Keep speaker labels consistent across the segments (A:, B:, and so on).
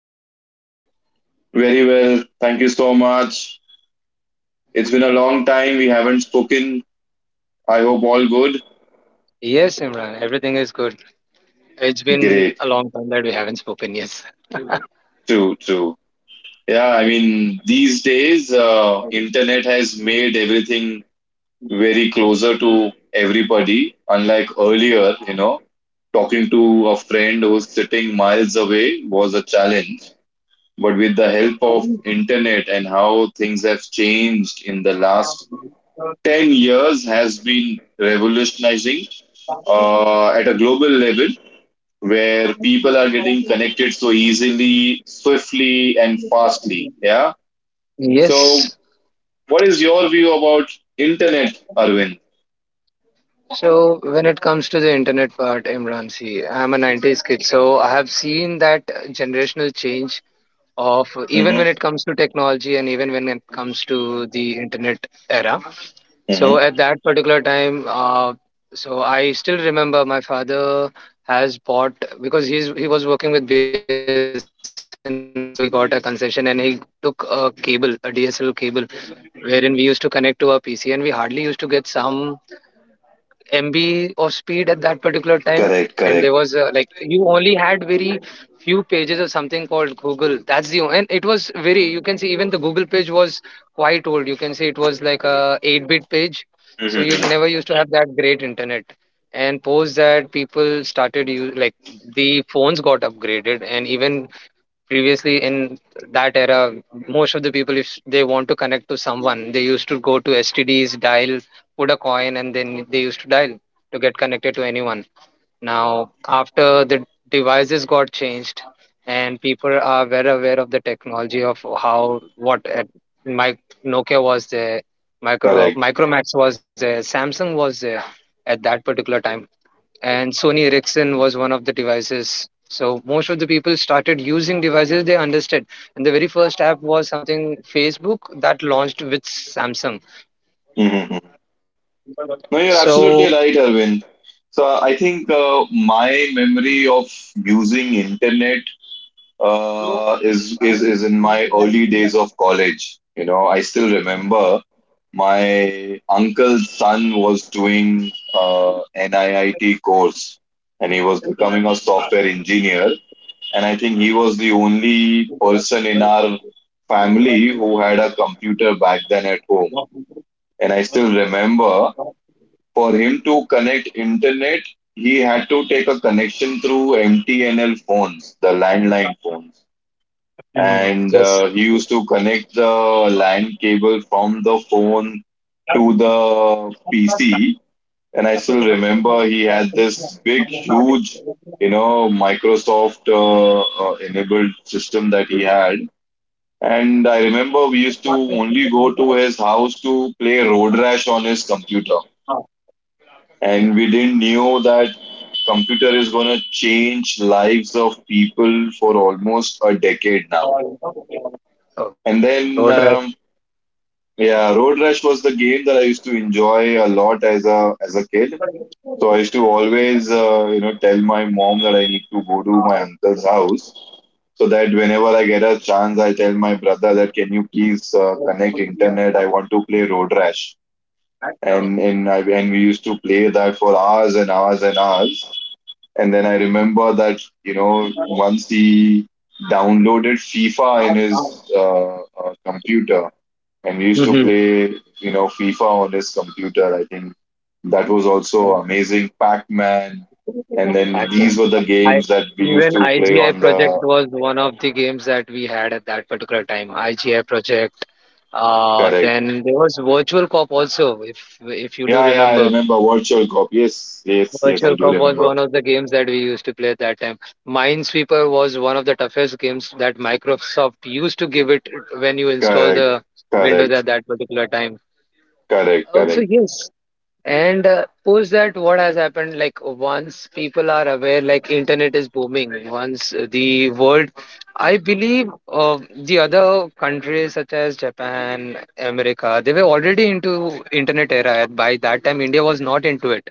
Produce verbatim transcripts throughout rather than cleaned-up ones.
A: about you?
B: Very well, thank you so much. It's been a long time we haven't spoken. I hope all good.
A: Yes, Imran. Everything is good. It's been
B: Great.
A: a long time that we haven't spoken. Yes.
B: True, true. Yeah, I mean these days uh, internet has made everything very closer to everybody unlike earlier, you know. Talking to a friend who's sitting miles away was a challenge, but with the help of internet and how things have changed in the last ten years has been revolutionizing uh, at a global level where people are getting connected so easily, swiftly, and fastly. Yeah. So,
A: Yes.
B: what is your view about internet, Arvind?
A: So when it comes to the internet part, Imran, see, I'm a nineties kid, so I have seen that generational change of, even
B: Mm-hmm.
A: when it comes to technology and even when it comes to the internet era. So
B: Mm-hmm.
A: at that particular time, uh, so I still remember my father has bought, because he's he was working with B S N L, so he got a concession and he took a cable, a D S L cable, wherein we used to connect to our P C, and we hardly used to get some M B of speed at that particular time. And there was, uh,
B: Correct,
A: like,
B: correct,
A: you only had very few pages of something called Google. That's the o- and it was very, you can see even the Google page was quite old. You can see it was like a eight-bit page, so you never used
B: mm-hmm.
A: to have that great internet. And post that, people started, you, like, the phones got upgraded. And even previously in that era, most of the people, if they want to connect to someone, they used to go to stds dial, put a coin, and then they used to dial to get connected to anyone. Now after the devices got changed and people are very aware of the technology of how, what, uh, my Nokia was there, micro uh,
B: Correct.
A: Micromax was there, Samsung was there at that particular time, and Sony Ericsson was one of the devices. So most of the people started using devices they understood, and the very first app was something Facebook that launched with Samsung.
B: Mm-hmm. No, you're
A: So
B: absolutely right, Arvind. So I think uh, my memory of using internet uh, is is is in my early days of college. You know, I still remember my uncle's son was doing uh, N I I T course, and he was becoming a software engineer. And I think he was the only person in our family who had a computer back then at home. And I still remember for him to connect internet, he had to take a connection through M T N L phones, the landline phones and uh, he used to connect the LAN cable from the phone to the P C. And I still remember he had this big, huge, you know, Microsoft uh, uh, enabled system that he had. And I remember we used to only go to his house to play Road Rash on his computer. And we didn't know that computer is going to change lives of people for almost a decade now.
A: oh,
B: And
A: Road
B: then
A: Rash.
B: um, Yeah, Road Rush was the game that I used to enjoy a lot as a as a kid. So I used to always, uh, you know, tell my mom that I need to go to my uncle's house, so that whenever I get a chance, I tell my brother that can you please uh, connect internet? I want to play Road Rash, and and I, and we used to play that for hours and hours and hours. And then I remember that you know once he downloaded FIFA in his uh, uh, computer and we used to
A: Mhm.
B: play, you know, FIFA on his computer. I think that was also amazing. Pac Man, and then these
A: Batman.
B: were the
A: I,
B: games that we used
A: even
B: to play
A: I G I
B: on
A: project
B: the
A: was one of the games that we had at that particular time. I G I project. Uh,
B: correct.
A: then there was Virtual Cop also, if if you do
B: Yeah, yeah, I
A: remember.
B: remember Virtual Cop. Yes, yes, yes, I
A: Virtual
B: do
A: Cop was
B: remember.
A: one of the games that we used to play at that time. Minesweeper was one of the toughest games that Microsoft used to give it when you install
B: Correct,
A: the Windows
B: correct,
A: at that particular time.
B: correct,
A: Also,
B: correct,
A: yes. And uh, post that, what has happened? Like once people are aware, like internet is booming. Once the world, I believe, uh, the other countries such as Japan, America, they were already into internet era. By that time, India was not into it,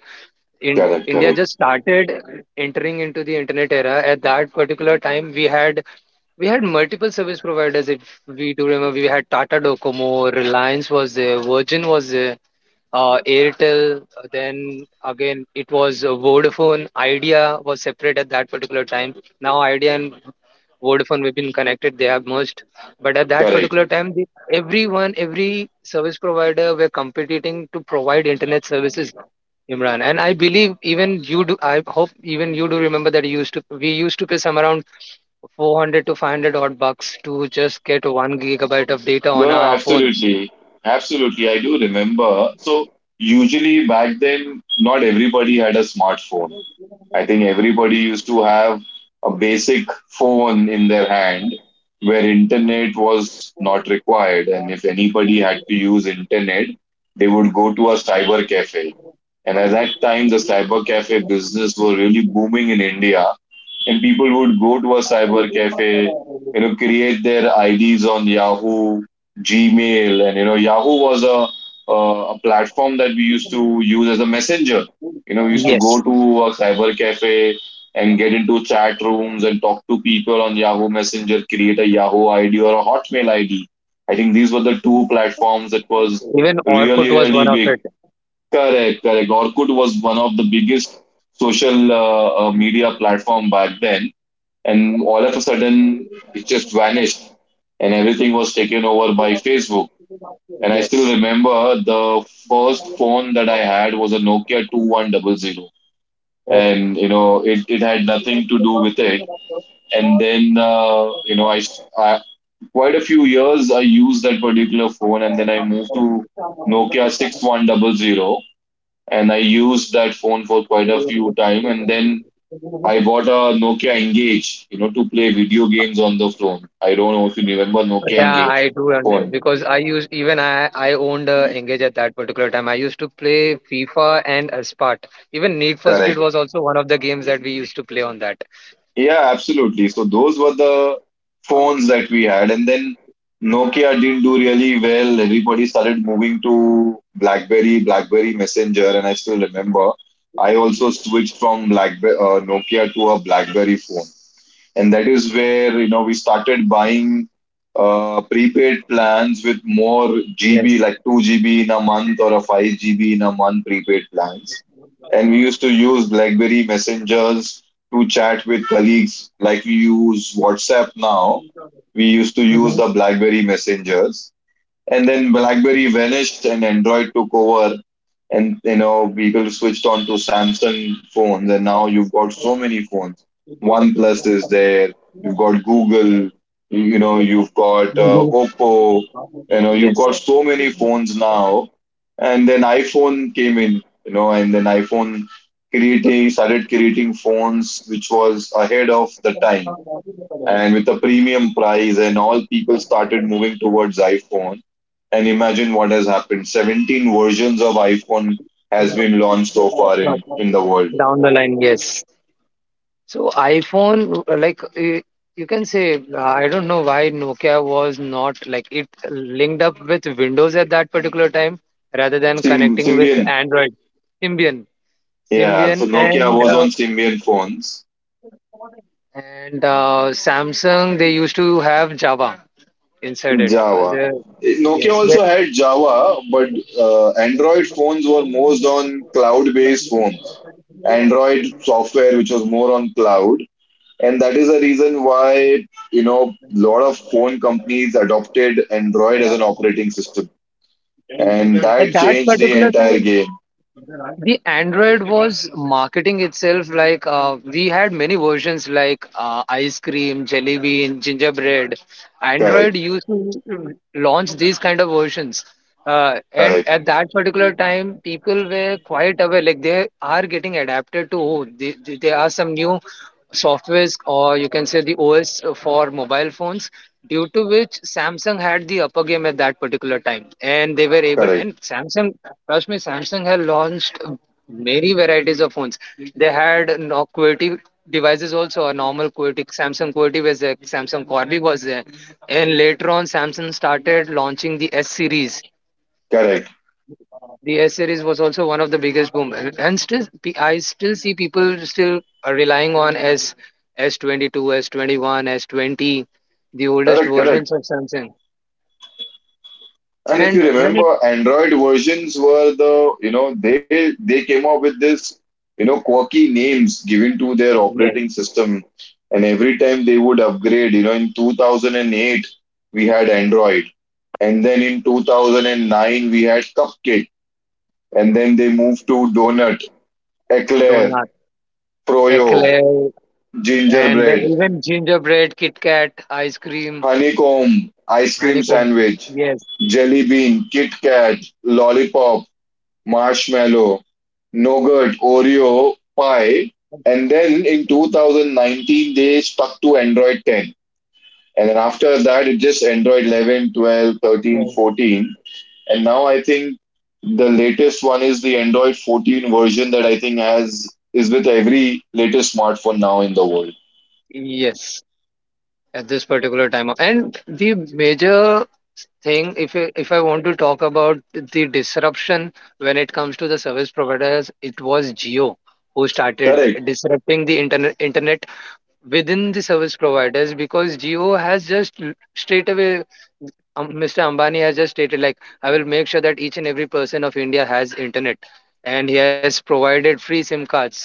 A: in
B: correct,
A: India
B: correct,
A: just started entering into the internet era. At that particular time we had, we had multiple service providers. If we do remember, we had Tata Docomo, Reliance was there, Virgin was there, uh, Airtel, uh, then again, it was uh, Vodafone. Idea was separate at that particular time. Now Idea and Vodafone, we've been connected. They have merged. But at that
B: correct.
A: particular time, the, everyone, every service provider, were competing to provide internet services. Imran, and I believe even you do, I hope even you do remember that you used to we used to pay some around four hundred to five hundred odd bucks to just get one gigabyte of data on
B: No,
A: our phones.
B: absolutely, absolutely. I do remember. So usually back then, not everybody had a smartphone. I think everybody used to have a basic phone in their hand where internet was not required. And if anybody had to use internet, they would go to a cyber cafe. And at that time, the cyber cafe business was really booming in India. And people would go to a cyber cafe, you know, create their I Ds on Yahoo, Gmail. And, you know, Yahoo was a, uh, a platform that we used to use as a messenger. You know, we used to go
A: Yes,
B: to a cyber cafe and get into chat rooms and talk to people on Yahoo Messenger, create a Yahoo I D or a Hotmail I D. I think these were the two platforms that was
A: even Orkut
B: really,
A: was one
B: really
A: of it.
B: big. Correct, correct. Orkut was one of the biggest social uh, uh, media platform back then, and all of a sudden it just vanished, and everything was taken over by Facebook. And I still remember the first phone that I had was a Nokia two one zero zero and you know it, it had nothing to do with it. And then uh, you know I, I quite a few years I used that particular phone and then I moved to Nokia six one zero zero and I used that phone for quite a few time and then I bought a Nokia Engage, you know, to play video games on the phone. I don't know if you remember Nokia
A: Yeah,
B: Engage
A: I do, and uh,
B: phone.
A: because I used, even I I owned uh, Engage at that particular time. I used to play FIFA and uh, Spart. Even Need for Speed
B: Correct.
A: was also one of the games that we used to play on that.
B: Yeah, absolutely. So those were the phones that we had, and then Nokia didn't do really well. Everybody started moving to BlackBerry, BlackBerry Messenger, and I still remember I also switched from BlackBerry uh, Nokia to a BlackBerry phone and that is where you know we started buying uh, prepaid plans with more G B, like two G B in a month or a five G B in a month prepaid plans, and we used to use BlackBerry messengers to chat with colleagues, like we use WhatsApp now. We used to use
A: Mhm.
B: the BlackBerry messengers, and then BlackBerry vanished and Android took over and you know people switched on to Samsung phones and now you've got so many phones. OnePlus is there, you've got Google, you you know you've got uh, Oppo, you know, you've got so many phones now. And then iPhone came in, you know, and then iphone creating started creating phones which was ahead of the time, and with a premium price and all, people started moving towards iPhone. And imagine what has happened: seventeen versions of iPhone has been launched so far in in the world.
A: Down the line, yes. So iPhone, uh, like uh, you can say, uh, I don't know why Nokia was not, like, it linked up with Windows at that particular time rather than
B: Sym-
A: connecting with
B: Symbian,
A: Android. Symbian,
B: yeah, so
A: Symbian,
B: Nokia
A: and
B: was
A: uh,
B: on Symbian phones.
A: and uh, Samsung, they used to have Java inside it. Uh,
B: Java,
A: there,
B: Nokia
A: yes,
B: also
A: the,
B: had Java, but uh, Android phones were most on cloud based phones, Android software which was more on cloud. And that is the reason why, you know, lot of phone companies adopted Android as an operating system. And that changed the entire game.
A: the Android was marketing itself, like, uh, we had many versions like, uh, ice cream, jelly bean, gingerbread. Android
B: Correct,
A: used to launch these kind of versions. Uh, and
B: correct,
A: at that particular time, people were quite aware, like they are getting adapted to, oh, they, they, there are some new softwares, or you can say the O S for mobile phones, due to which Samsung had the upper game at that particular time, and they were able.
B: correct,
A: And Samsung, trust me, Samsung had launched many varieties of phones. They had no QWERTY devices, also a normal QWERTY, Samsung QWERTY was there, Samsung Corby was there, and later on Samsung started launching the S series.
B: correct,
A: The S series was also one of the biggest boom, and and still, pe- I still see people still are relying on S, s twenty two, S twenty one, S S20, the oldest
B: correct, correct.
A: versions of Samsung.
B: And if you
A: And when it
B: remember, Android versions were the, you know, they they came up with this, you know, quirky names given to their
A: Yes,
B: operating system. And every time they would upgrade, you know, in two thousand eight, we had Android. And then in two thousand nine, we had Cupcake and then they move to donut, eclair,
A: donut,
B: froyo,
A: eclair, and then
B: gingerbread,
A: even gingerbread, Kit Kat, ice cream,
B: honeycomb, ice cream
A: honeycomb.
B: sandwich,
A: Yes,
B: jelly bean, Kit Kat, lollipop, marshmallow, nougat, Oreo, pie. And then in two thousand nineteen, they stuck to Android ten. And then after that, it just Android eleven, twelve, thirteen,
A: yes,
B: fourteen. And now I think the latest one is the Android fourteen version that I think has is with every latest smartphone now in the world.
A: yes. At this particular time, of- and the major thing, if I- if I want to talk about the disruption when it comes to the service providers, it was Jio who started
B: Correct.
A: disrupting the internet internet within the service providers, because Jio has just, l- straight away, um, Mister Ambani has just stated like, I will make sure that each and every person of India has internet, and he has provided free SIM cards.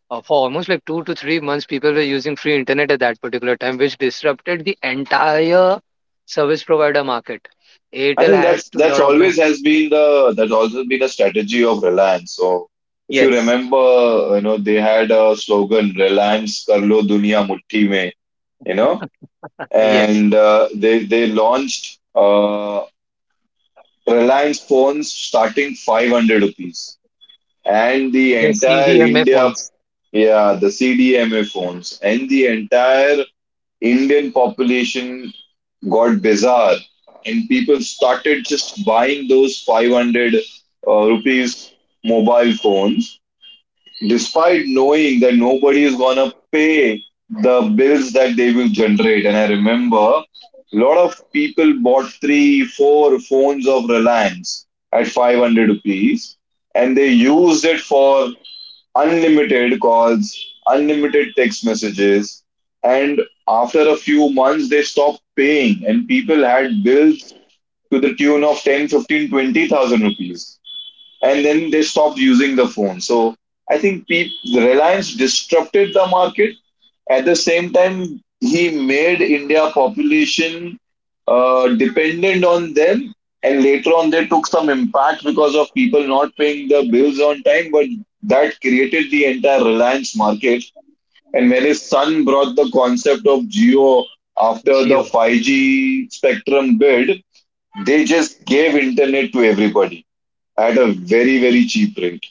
A: Uh, for almost like two to three months, people were using free internet at that particular time, which disrupted the entire service provider market.
B: I
A: Airtel
B: think
A: has
B: that's
A: to
B: that's
A: drop
B: always
A: down.
B: has been the that's also been a strategy of Reliance. So if you
A: Yes,
B: remember, you know they had a slogan Reliance Karlo Dunia Mutti Mein, you know,
A: uh, yes,
B: and uh, they they launched uh, Reliance phones starting five hundred rupees and the entire India, yeah, the C D M A phones and the entire Indian population got bizarre, and people started just buying those five hundred uh, rupees mobile phones, despite knowing that nobody is gonna pay the bills that they will generate. And I remember a lot of people bought three, four phones of Reliance at five hundred rupees and they used it for unlimited calls, unlimited text messages. And after a few months, they stopped paying, and people had bills to the tune of ten, fifteen, twenty thousand rupees and then they stopped using the phone. So I think Pete, Reliance disrupted the market. At the same time, he made India population uh, dependent on them, and later on they took some impact because of people not paying the bills on time. But that created the entire Reliance market. And when his son brought the concept of Geo after the
A: Jio.
B: five G spectrum bid, they just gave internet to everybody at a very very cheap rate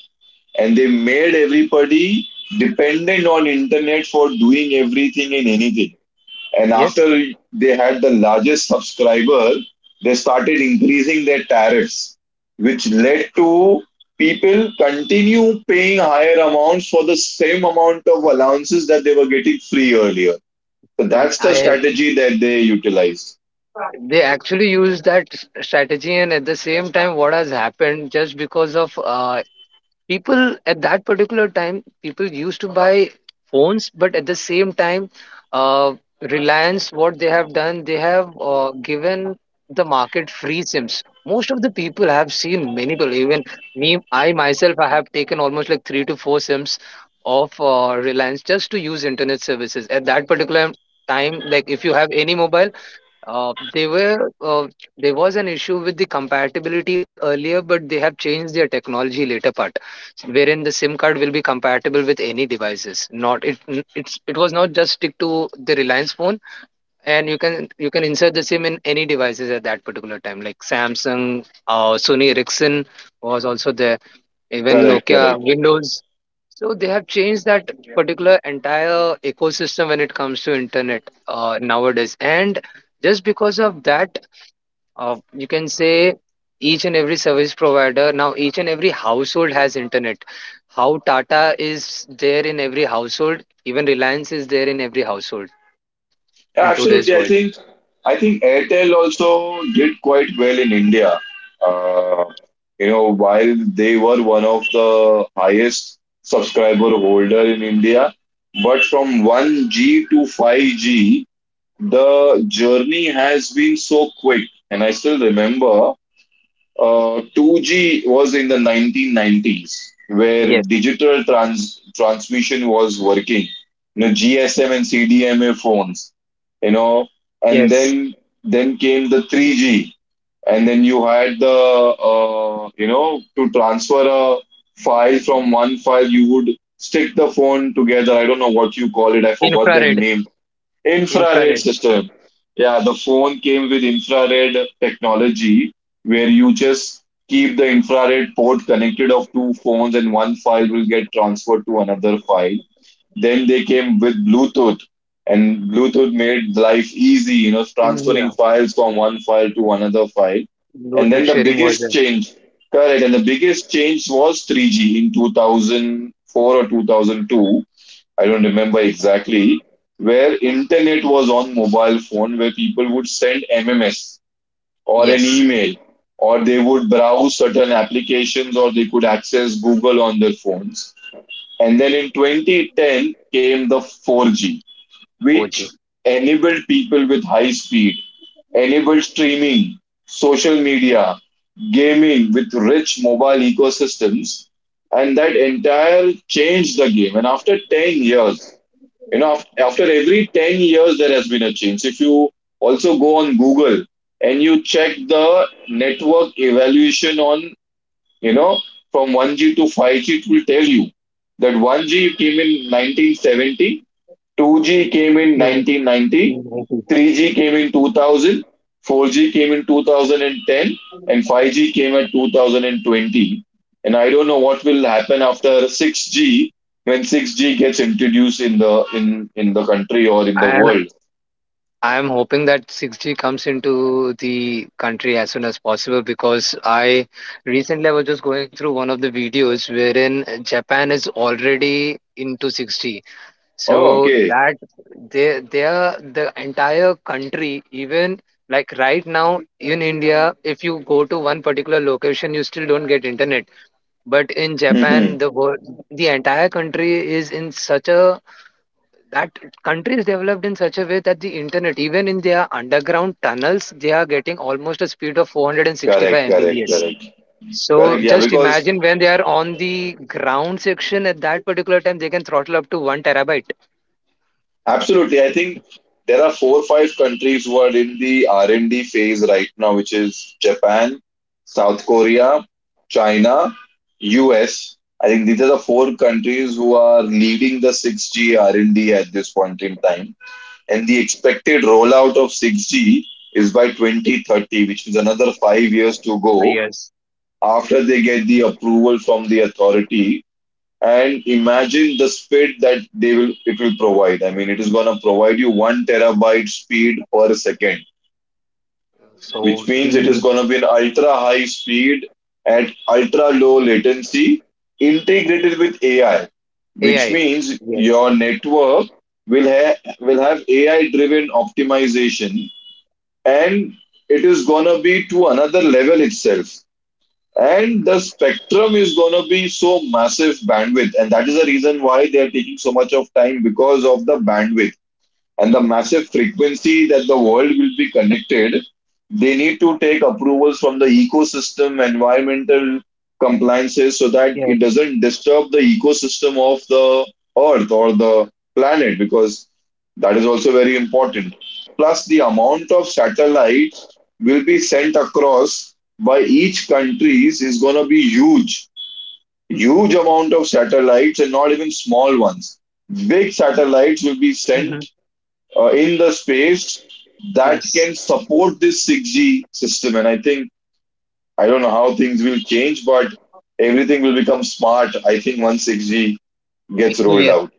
B: and they made everybody dependent on internet for doing everything and anything. And
A: Yes,
B: after they had the largest subscriber they started increasing their tariffs which led to people continue paying higher amounts for the same amount of allowances that they were getting free earlier. So
A: y-
B: that's the
A: I.
B: strategy that they utilized.
A: They actually used that s- strategy, and at the same time, what has happened, just because of, uh, people at that particular time, people used to buy phones, but at the same time, uh, Reliance, what they have done, they have, uh, given the market free SIMs. Most of the people have seen, many people, even me, I myself I have taken almost like three to four SIMs of uh, Reliance just to use internet services at that particular time. Like if you have any mobile, uh, they were uh, there was an issue with the compatibility earlier, but they have changed their technology later part, wherein the SIM card will be compatible with any devices. Not it n- it's It was not just stick to the Reliance phone, and you can you can insert the SIM in any devices at that particular time, like Samsung, uh, Sony Ericsson was also there, even
B: Correct,
A: Nokia
B: correct.
A: Windows. So they have changed that particular entire ecosystem when it comes to internet, uh, nowadays. And just because of that, uh, you can say each and every service provider now, each and every household has internet, how Tata is there in every household, even Reliance is there in every household in today's
B: Yeah,
A: world.
B: absolutely. I think I think Airtel also did quite well in India. Uh, you know, while they were one of the highest subscriber holder in India, but from one G to five G, the journey has been so quick. And I still remember uh, two G was in the nineteen nineties, where
A: Yes.
B: digital trans- transmission was working. You know, G S M and C D M A phones. You know, and
A: Yes.
B: then then came the three G, and then you had the uh, you know, to transfer a file from one file, you would stick the phone together. I don't know what you call it. I forgot that
A: Infrared.
B: name. Infrared
A: Infrared.
B: system. Yeah, the phone came with infrared technology where you just keep the infrared port connected of two phones and one file will get transferred to another file. Then they came with Bluetooth and Bluetooth made life easy, you know, transferring
A: Yeah,
B: files from one file to another file. And
A: Bluetooth
B: then the
A: sharing was
B: biggest
A: there.
B: change, correct, and the biggest change was three G in two thousand four or two thousand two, I don't remember exactly, where internet was on mobile phone, where people would send M M S or an
A: Yes.
B: email, or they would browse certain applications, or they could access Google on their phones. And then in two thousand ten came the four G,
A: OG.
B: which enabled people with high speed, enabled streaming, social media, gaming with rich mobile ecosystems. And that entire changed the game. And after 10 years, you know, af- after every 10 years, there has been a change. If you also go on Google and you check the network evaluation on, you know, from one G to five G, it will tell you that one G came in nineteen seventy. two G came in nineteen ninety, three G came in two thousand, four G came in twenty ten, and five G came at two thousand twenty. And I don't know what will happen after six G when six G gets introduced in the in in the country or in the
A: And
B: world.
A: I'm hoping that six G comes into the country as soon as possible, because I recently I was just going through one of the videos wherein Japan is already into six G.
B: Oh,
A: So
B: okay.
A: that, they they are, the entire country, even like right now in India, if you go to one particular location, you still don't get internet. But in Japan,
B: Hmm.
A: the whole the entire country is in such a, that countries developed in such a way, that the internet, even in their underground tunnels, they are getting almost a speed of
B: Correct,
A: four hundred sixty-five
B: correct,
A: mbps.
B: correct,
A: So
B: correct. Yeah,
A: just
B: because.
A: imagine when they are on the ground section at that particular time, they can throttle up to one terabyte.
B: Absolutely. I think there are four or five countries who are in the R and D phase right now, which is Japan, South Korea, China, U S. I think these are the four countries who are leading the six G R and D at this point in time. And the expected rollout of six G is by twenty thirty, which is another five years to go after they get the approval from the authority. And imagine the speed that they will it will provide. I mean, it is going to provide you 1 terabyte speed per second, which means it is going to be an ultra high speed at ultra low latency, integrated with AI, which
A: AI.
B: means your network will have will have AI driven optimization. And it is going to be to another level itself. And the spectrum is going to be so massive bandwidth. And that is the reason why they are taking so much of time because of the bandwidth and the massive frequency that the world will be connected, they need to take approvals from the ecosystem, environmental compliances, so that
A: Yes.
B: it doesn't disturb the ecosystem of the earth or the planet, because that is also very important. Plus, the amount of satellites will be sent across by each countries is going to be huge. Huge amount of satellites and not even small ones. Big satellites will be sent
A: Hmm.
B: uh, in the space that can support this six G system. And I think, I don't know how things will change, but everything will become smart, I think, once six G gets rolled
A: Yes.
B: out.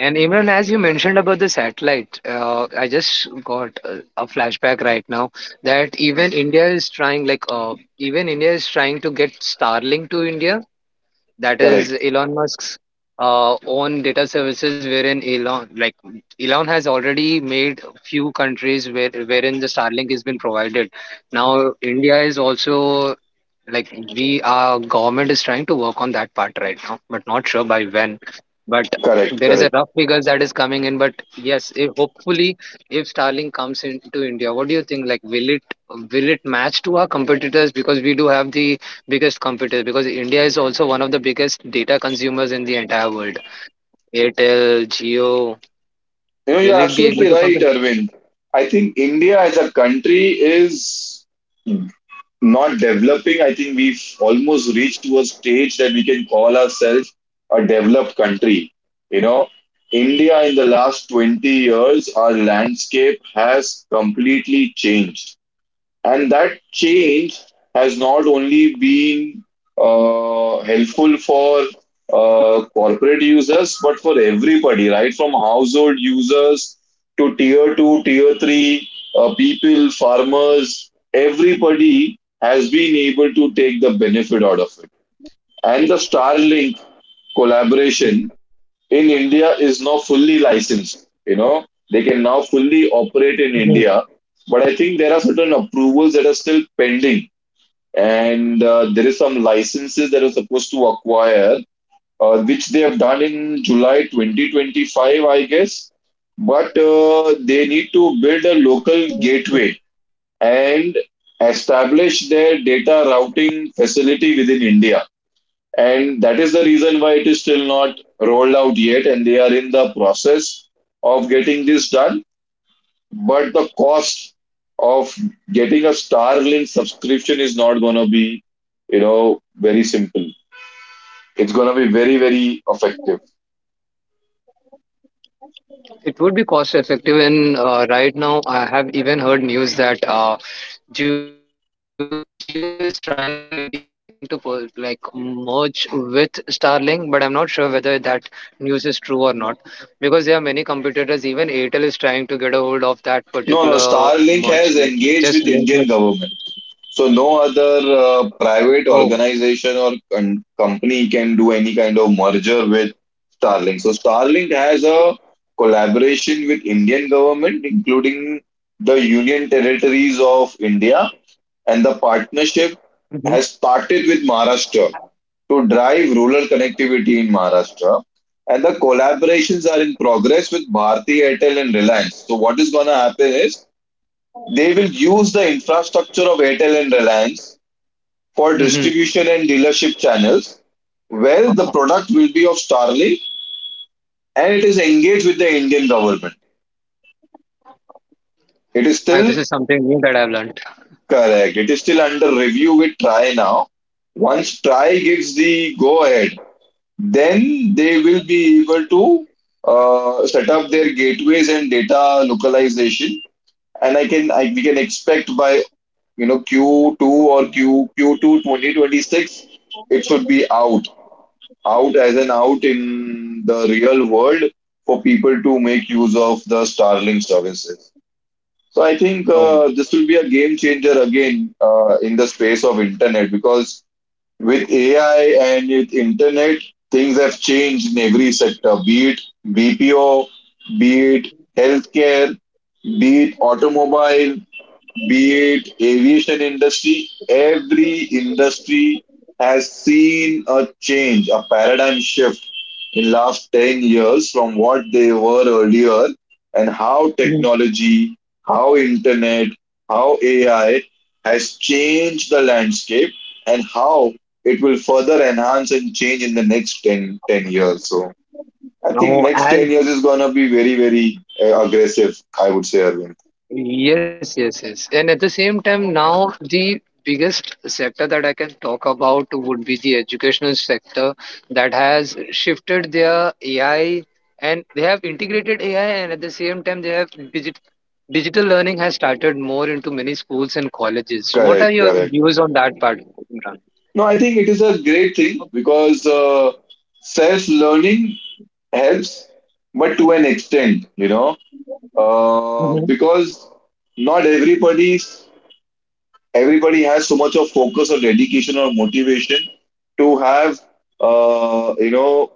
A: And Imran, as you mentioned about the satellite, uh, I just got a, a flashback right now, that even India is trying, like, uh, even India is trying to get Starlink to India, that is
B: Correct,
A: Elon Musk's uh, own data services, wherein Elon, like Elon, has already made few countries where, wherein the Starlink has been provided. Now India is also, like, we, our government is trying to work on that part right now, but not sure by when, but
B: correct,
A: there is a
B: correct.
A: rough figures that is coming in. But yes, if, hopefully, if Starlink comes into India, what do you think, like, will it will it match to our competitors? Because we do have the biggest competitor, because India is also one of the biggest data consumers in the entire world. Airtel, Geo,
B: You know, you're
A: will it be
B: absolutely
A: able to
B: right,
A: compete?
B: Arvind. I think India as a country is not developing, I think we've almost reached to a stage that we can call ourselves a developed country. You know, India in the last 20 years, our landscape has completely changed. And that change has not only been uh, helpful for uh, corporate users, but for everybody, right? From household users to tier two, tier three uh, people, farmers, everybody has been able to take the benefit out of it. And the Starlink collaboration in India is now fully licensed. You know, they can now fully operate in India, but I think there are certain approvals that are still pending, and uh, there is some licenses that are supposed to acquire, uh, which they have done in July twenty twenty-five, I guess. But uh, they need to build a local gateway and establish their data routing facility within India. And that is the reason why it is still not rolled out yet, and they are in the process of getting this done. But the cost of getting a Starlink subscription is not going to be, you know, very simple. It's going to be very, very effective.
A: It would be cost effective, and uh, right now I have even heard news that uh, Geo, Geo is trying to integrate, like they are trying to, pol- like, merge with Starlink, but I'm not sure whether that news is true or not, because there are many competitors. Even Airtel is trying to get a hold of that
B: No, no,
A: particular
B: Starlink
A: merge,
B: has
A: like
B: engaged
A: just
B: with
A: link
B: Indian
A: with.
B: government. So no other uh, private
A: Oh.
B: organization or con- company can do any kind of merger with Starlink. So Starlink has a collaboration with Indian government, including the union territories of India, and the partnership
A: Mm-hmm.
B: has started with Maharashtra to drive rural connectivity in Maharashtra. And the collaborations are in progress with Bharti Airtel and Reliance. So what is going to happen is they will use the infrastructure of Airtel and Reliance for
A: Mm-hmm.
B: distribution and dealership channels where the product will be of Starlink and it is engaged with the Indian government. It is
A: Uh, this
B: still
A: is something new that I've learned.
B: correct. It is still under review with Try now. Once Try gives the go ahead, then they will be able to uh, set up their gateways and data localization. And I can I, we can expect by you know Q two or Q q two twenty twenty six. It should be out out as an out in the real world for people to make use of the Starlink services. So I think
A: Oh.
B: uh, this will be a game changer again uh, in the space of internet because with A I and with internet, things have changed in every sector, be it B P O, be it healthcare, be it automobile, be it aviation industry. Every industry has seen a change, a paradigm shift in last 10 years from what they were earlier and how
A: Mhm.
B: technology, how internet, how A I has changed the landscape and how it will further enhance and change in the next ten ten years. So I think
A: Now,
B: next
A: as
B: 10 years is going to be very, very uh, aggressive, I would say, Arvind.
A: Yes, yes, yes. And at the same time, now the biggest sector that I can talk about would be the educational sector that has shifted their A I, and they have integrated A I, and at the same time they have, digit digital learning has started more into many schools and colleges. What are
B: Correct,
A: your
B: correct.
A: views on that part, Imran?
B: No, I think it is a great thing because uh, self-learning helps, but to an extent, you know, uh,
A: Mm-hmm.
B: because not everybody's everybody has so much of focus or dedication or motivation to have, uh, you know,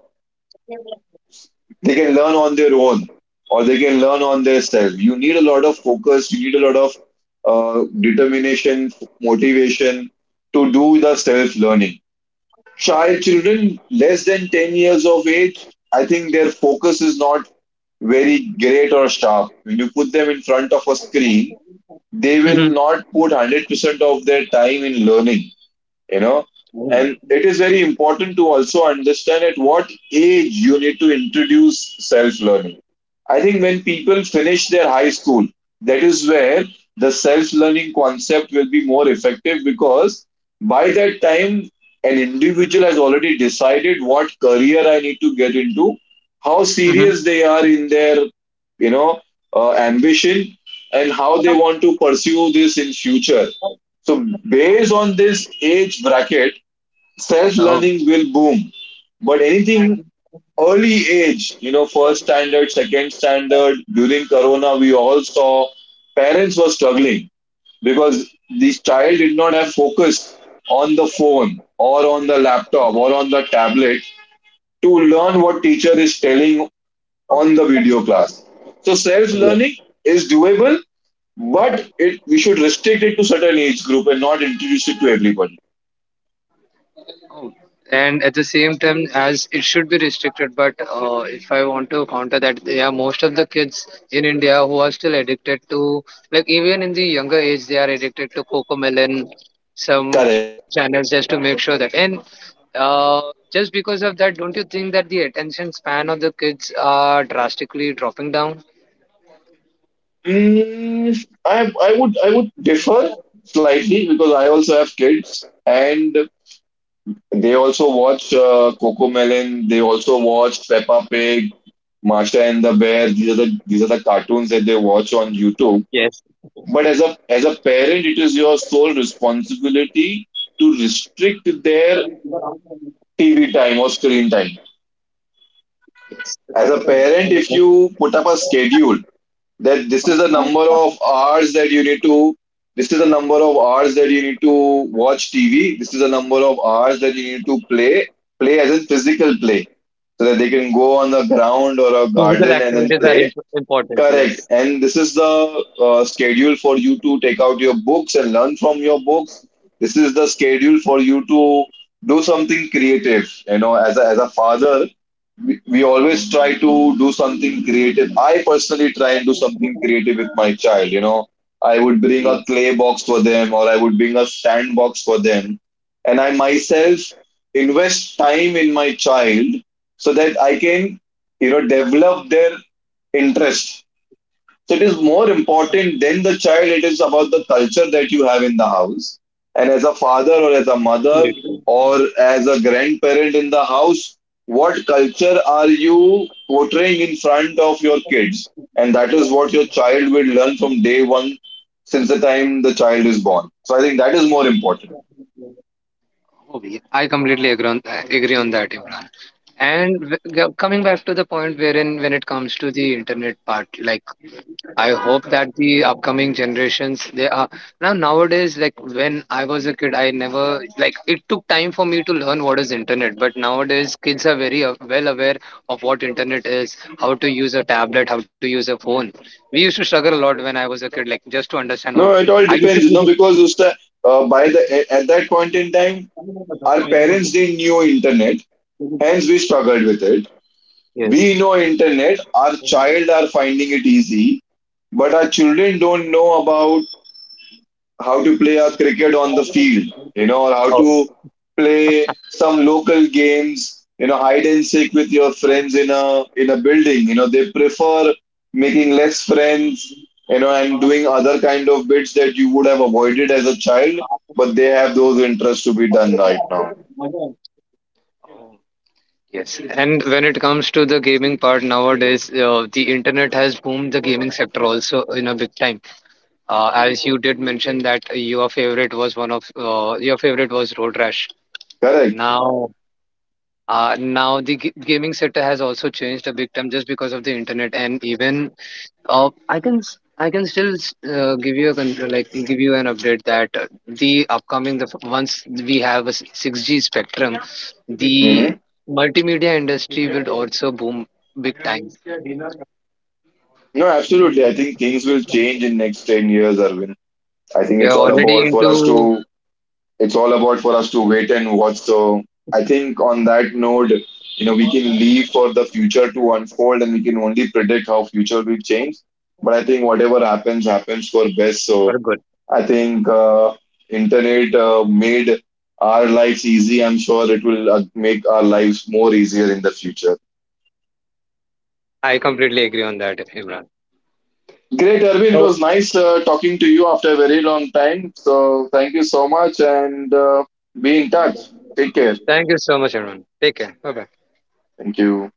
B: they can learn on their own or they can learn on their self. You need a lot of focus. You need a lot of uh, determination, motivation to do the self-learning. child children less than 10 years of age, I think their focus is not very great or sharp when you put them in front of a screen. They will not put one hundred percent of their time in learning you know and it is very important to also understand at what age you need to introduce self learning. I think when people finish their high school, that is where the self learning concept will be more effective, because by that time an individual has already decided what career I need to get into, how
A: Mm-hmm.
B: serious they are in their you know uh, ambition and how they want to pursue this in future. So, based on this age bracket, self
A: Oh.
B: learning will boom. But anything early age, you know, first standard, second standard, during Corona, we all saw parents were struggling because this child did not have focus on the phone or on the laptop or on the tablet to learn what teacher is telling on the video class. So self learning is doable, but it we should restrict it to certain age group and not introduce it to everybody.
A: And at the same time, as it should be restricted, but uh, if I want to counter that, yeah, most of the kids in India who are still addicted to, like, even in the younger age, they are addicted to Cocomelon, some
B: Correct.
A: YouTube channels, just to make sure that, and uh, just because of that, don't you think that the attention span of the kids are drastically dropping down?
B: Mm, I I would I would differ slightly because I also have kids and they also watch uh, Coco Melon. They also watch Peppa Pig, Marsha and the Bear. These are the these are the cartoons that they watch on YouTube. But as a as a parent, it is your sole responsibility to restrict their T V time or screen time. As a parent, if you put up a schedule that this is the number of hours that you need to, this is the number of hours that you need to watch TV, this is the number of hours that you need to play, play as in physical play, so that they can go on the ground or a garden and then play. Correct. And this is the uh, schedule for you to take out your books and learn from your books. This is the schedule for you to do something creative. You know, as a, as a father, we, we always try to do something creative. I personally try and do something creative with my child. You know, I would bring a clay box for them or I would bring a sand box for them. And I myself invest time in my child so that I can, you know, develop their interest so it is more important than the child. It is about the culture that you have in the house. And as a father or as a mother or as a grandparent in the house, what culture are you portraying in front of your kids? And that is what your child will learn from day one since the time the child is born. So I think that is more important.
A: Oh, yeah. I completely agree on, agree on that, Imran. And w- g- coming back to the point wherein, when it comes to the internet part, like, I hope that the upcoming generations, they are now, nowadays, like when I was a kid, I never, like, it took time for me to learn what is internet. But nowadays kids are very, uh, well aware of what internet is, how to use a tablet, how to use a phone. We used to struggle a lot when I was a kid, like just to understand, oh,
B: No, it all
A: I used
B: depends,
A: to.
B: you know, because Usta, uh, by the at that point in time, our parents didn't knew internet, hence we struggled with it. We know internet, our child are finding it easy, but our children don't know about how to play a cricket on the field, you know, or how to play some local games, you know, hide and seek with your friends in a in a building. You know, they prefer making less friends, you know, and doing other kind of bits that you would have avoided as a child, but they have those interests to be done right now.
A: Yes, and when it comes to the gaming part nowadays, uh, the internet has boomed the gaming sector also in a big time. Uh, as you did mention that, your favorite was one of uh, your favorite was Road Rash.
B: Correct.
A: Now, uh, now the g- gaming sector has also changed a big time just because of the internet, and even, uh, I can s- I can still s- uh, give you a, con- like, give you an update that, uh, the upcoming the f- once we have a, s- six G spectrum, the
B: Hmm.
A: multimedia industry will also boom big time.
B: No, absolutely. I think things will change in next ten years, Arvind. I think
A: We
B: it's
A: are
B: all
A: already
B: about for us
A: into.
B: to it's all about for us to wait and watch. So I think on that note, you know, we can leave for the future to unfold and we can only predict how future will change. But I think whatever happens, happens for best. So
A: For good.
B: I think uh, internet uh, made our lives easy. I'm sure it will uh, make our lives more easier in the future.
A: I completely agree on that, Imran.
B: Great, Arvind. It was nice uh, talking to you after a very long time. So thank you so much and uh, be in touch. Take care.
A: Thank you so much, everyone. Take care. Bye bye.
B: Thank you.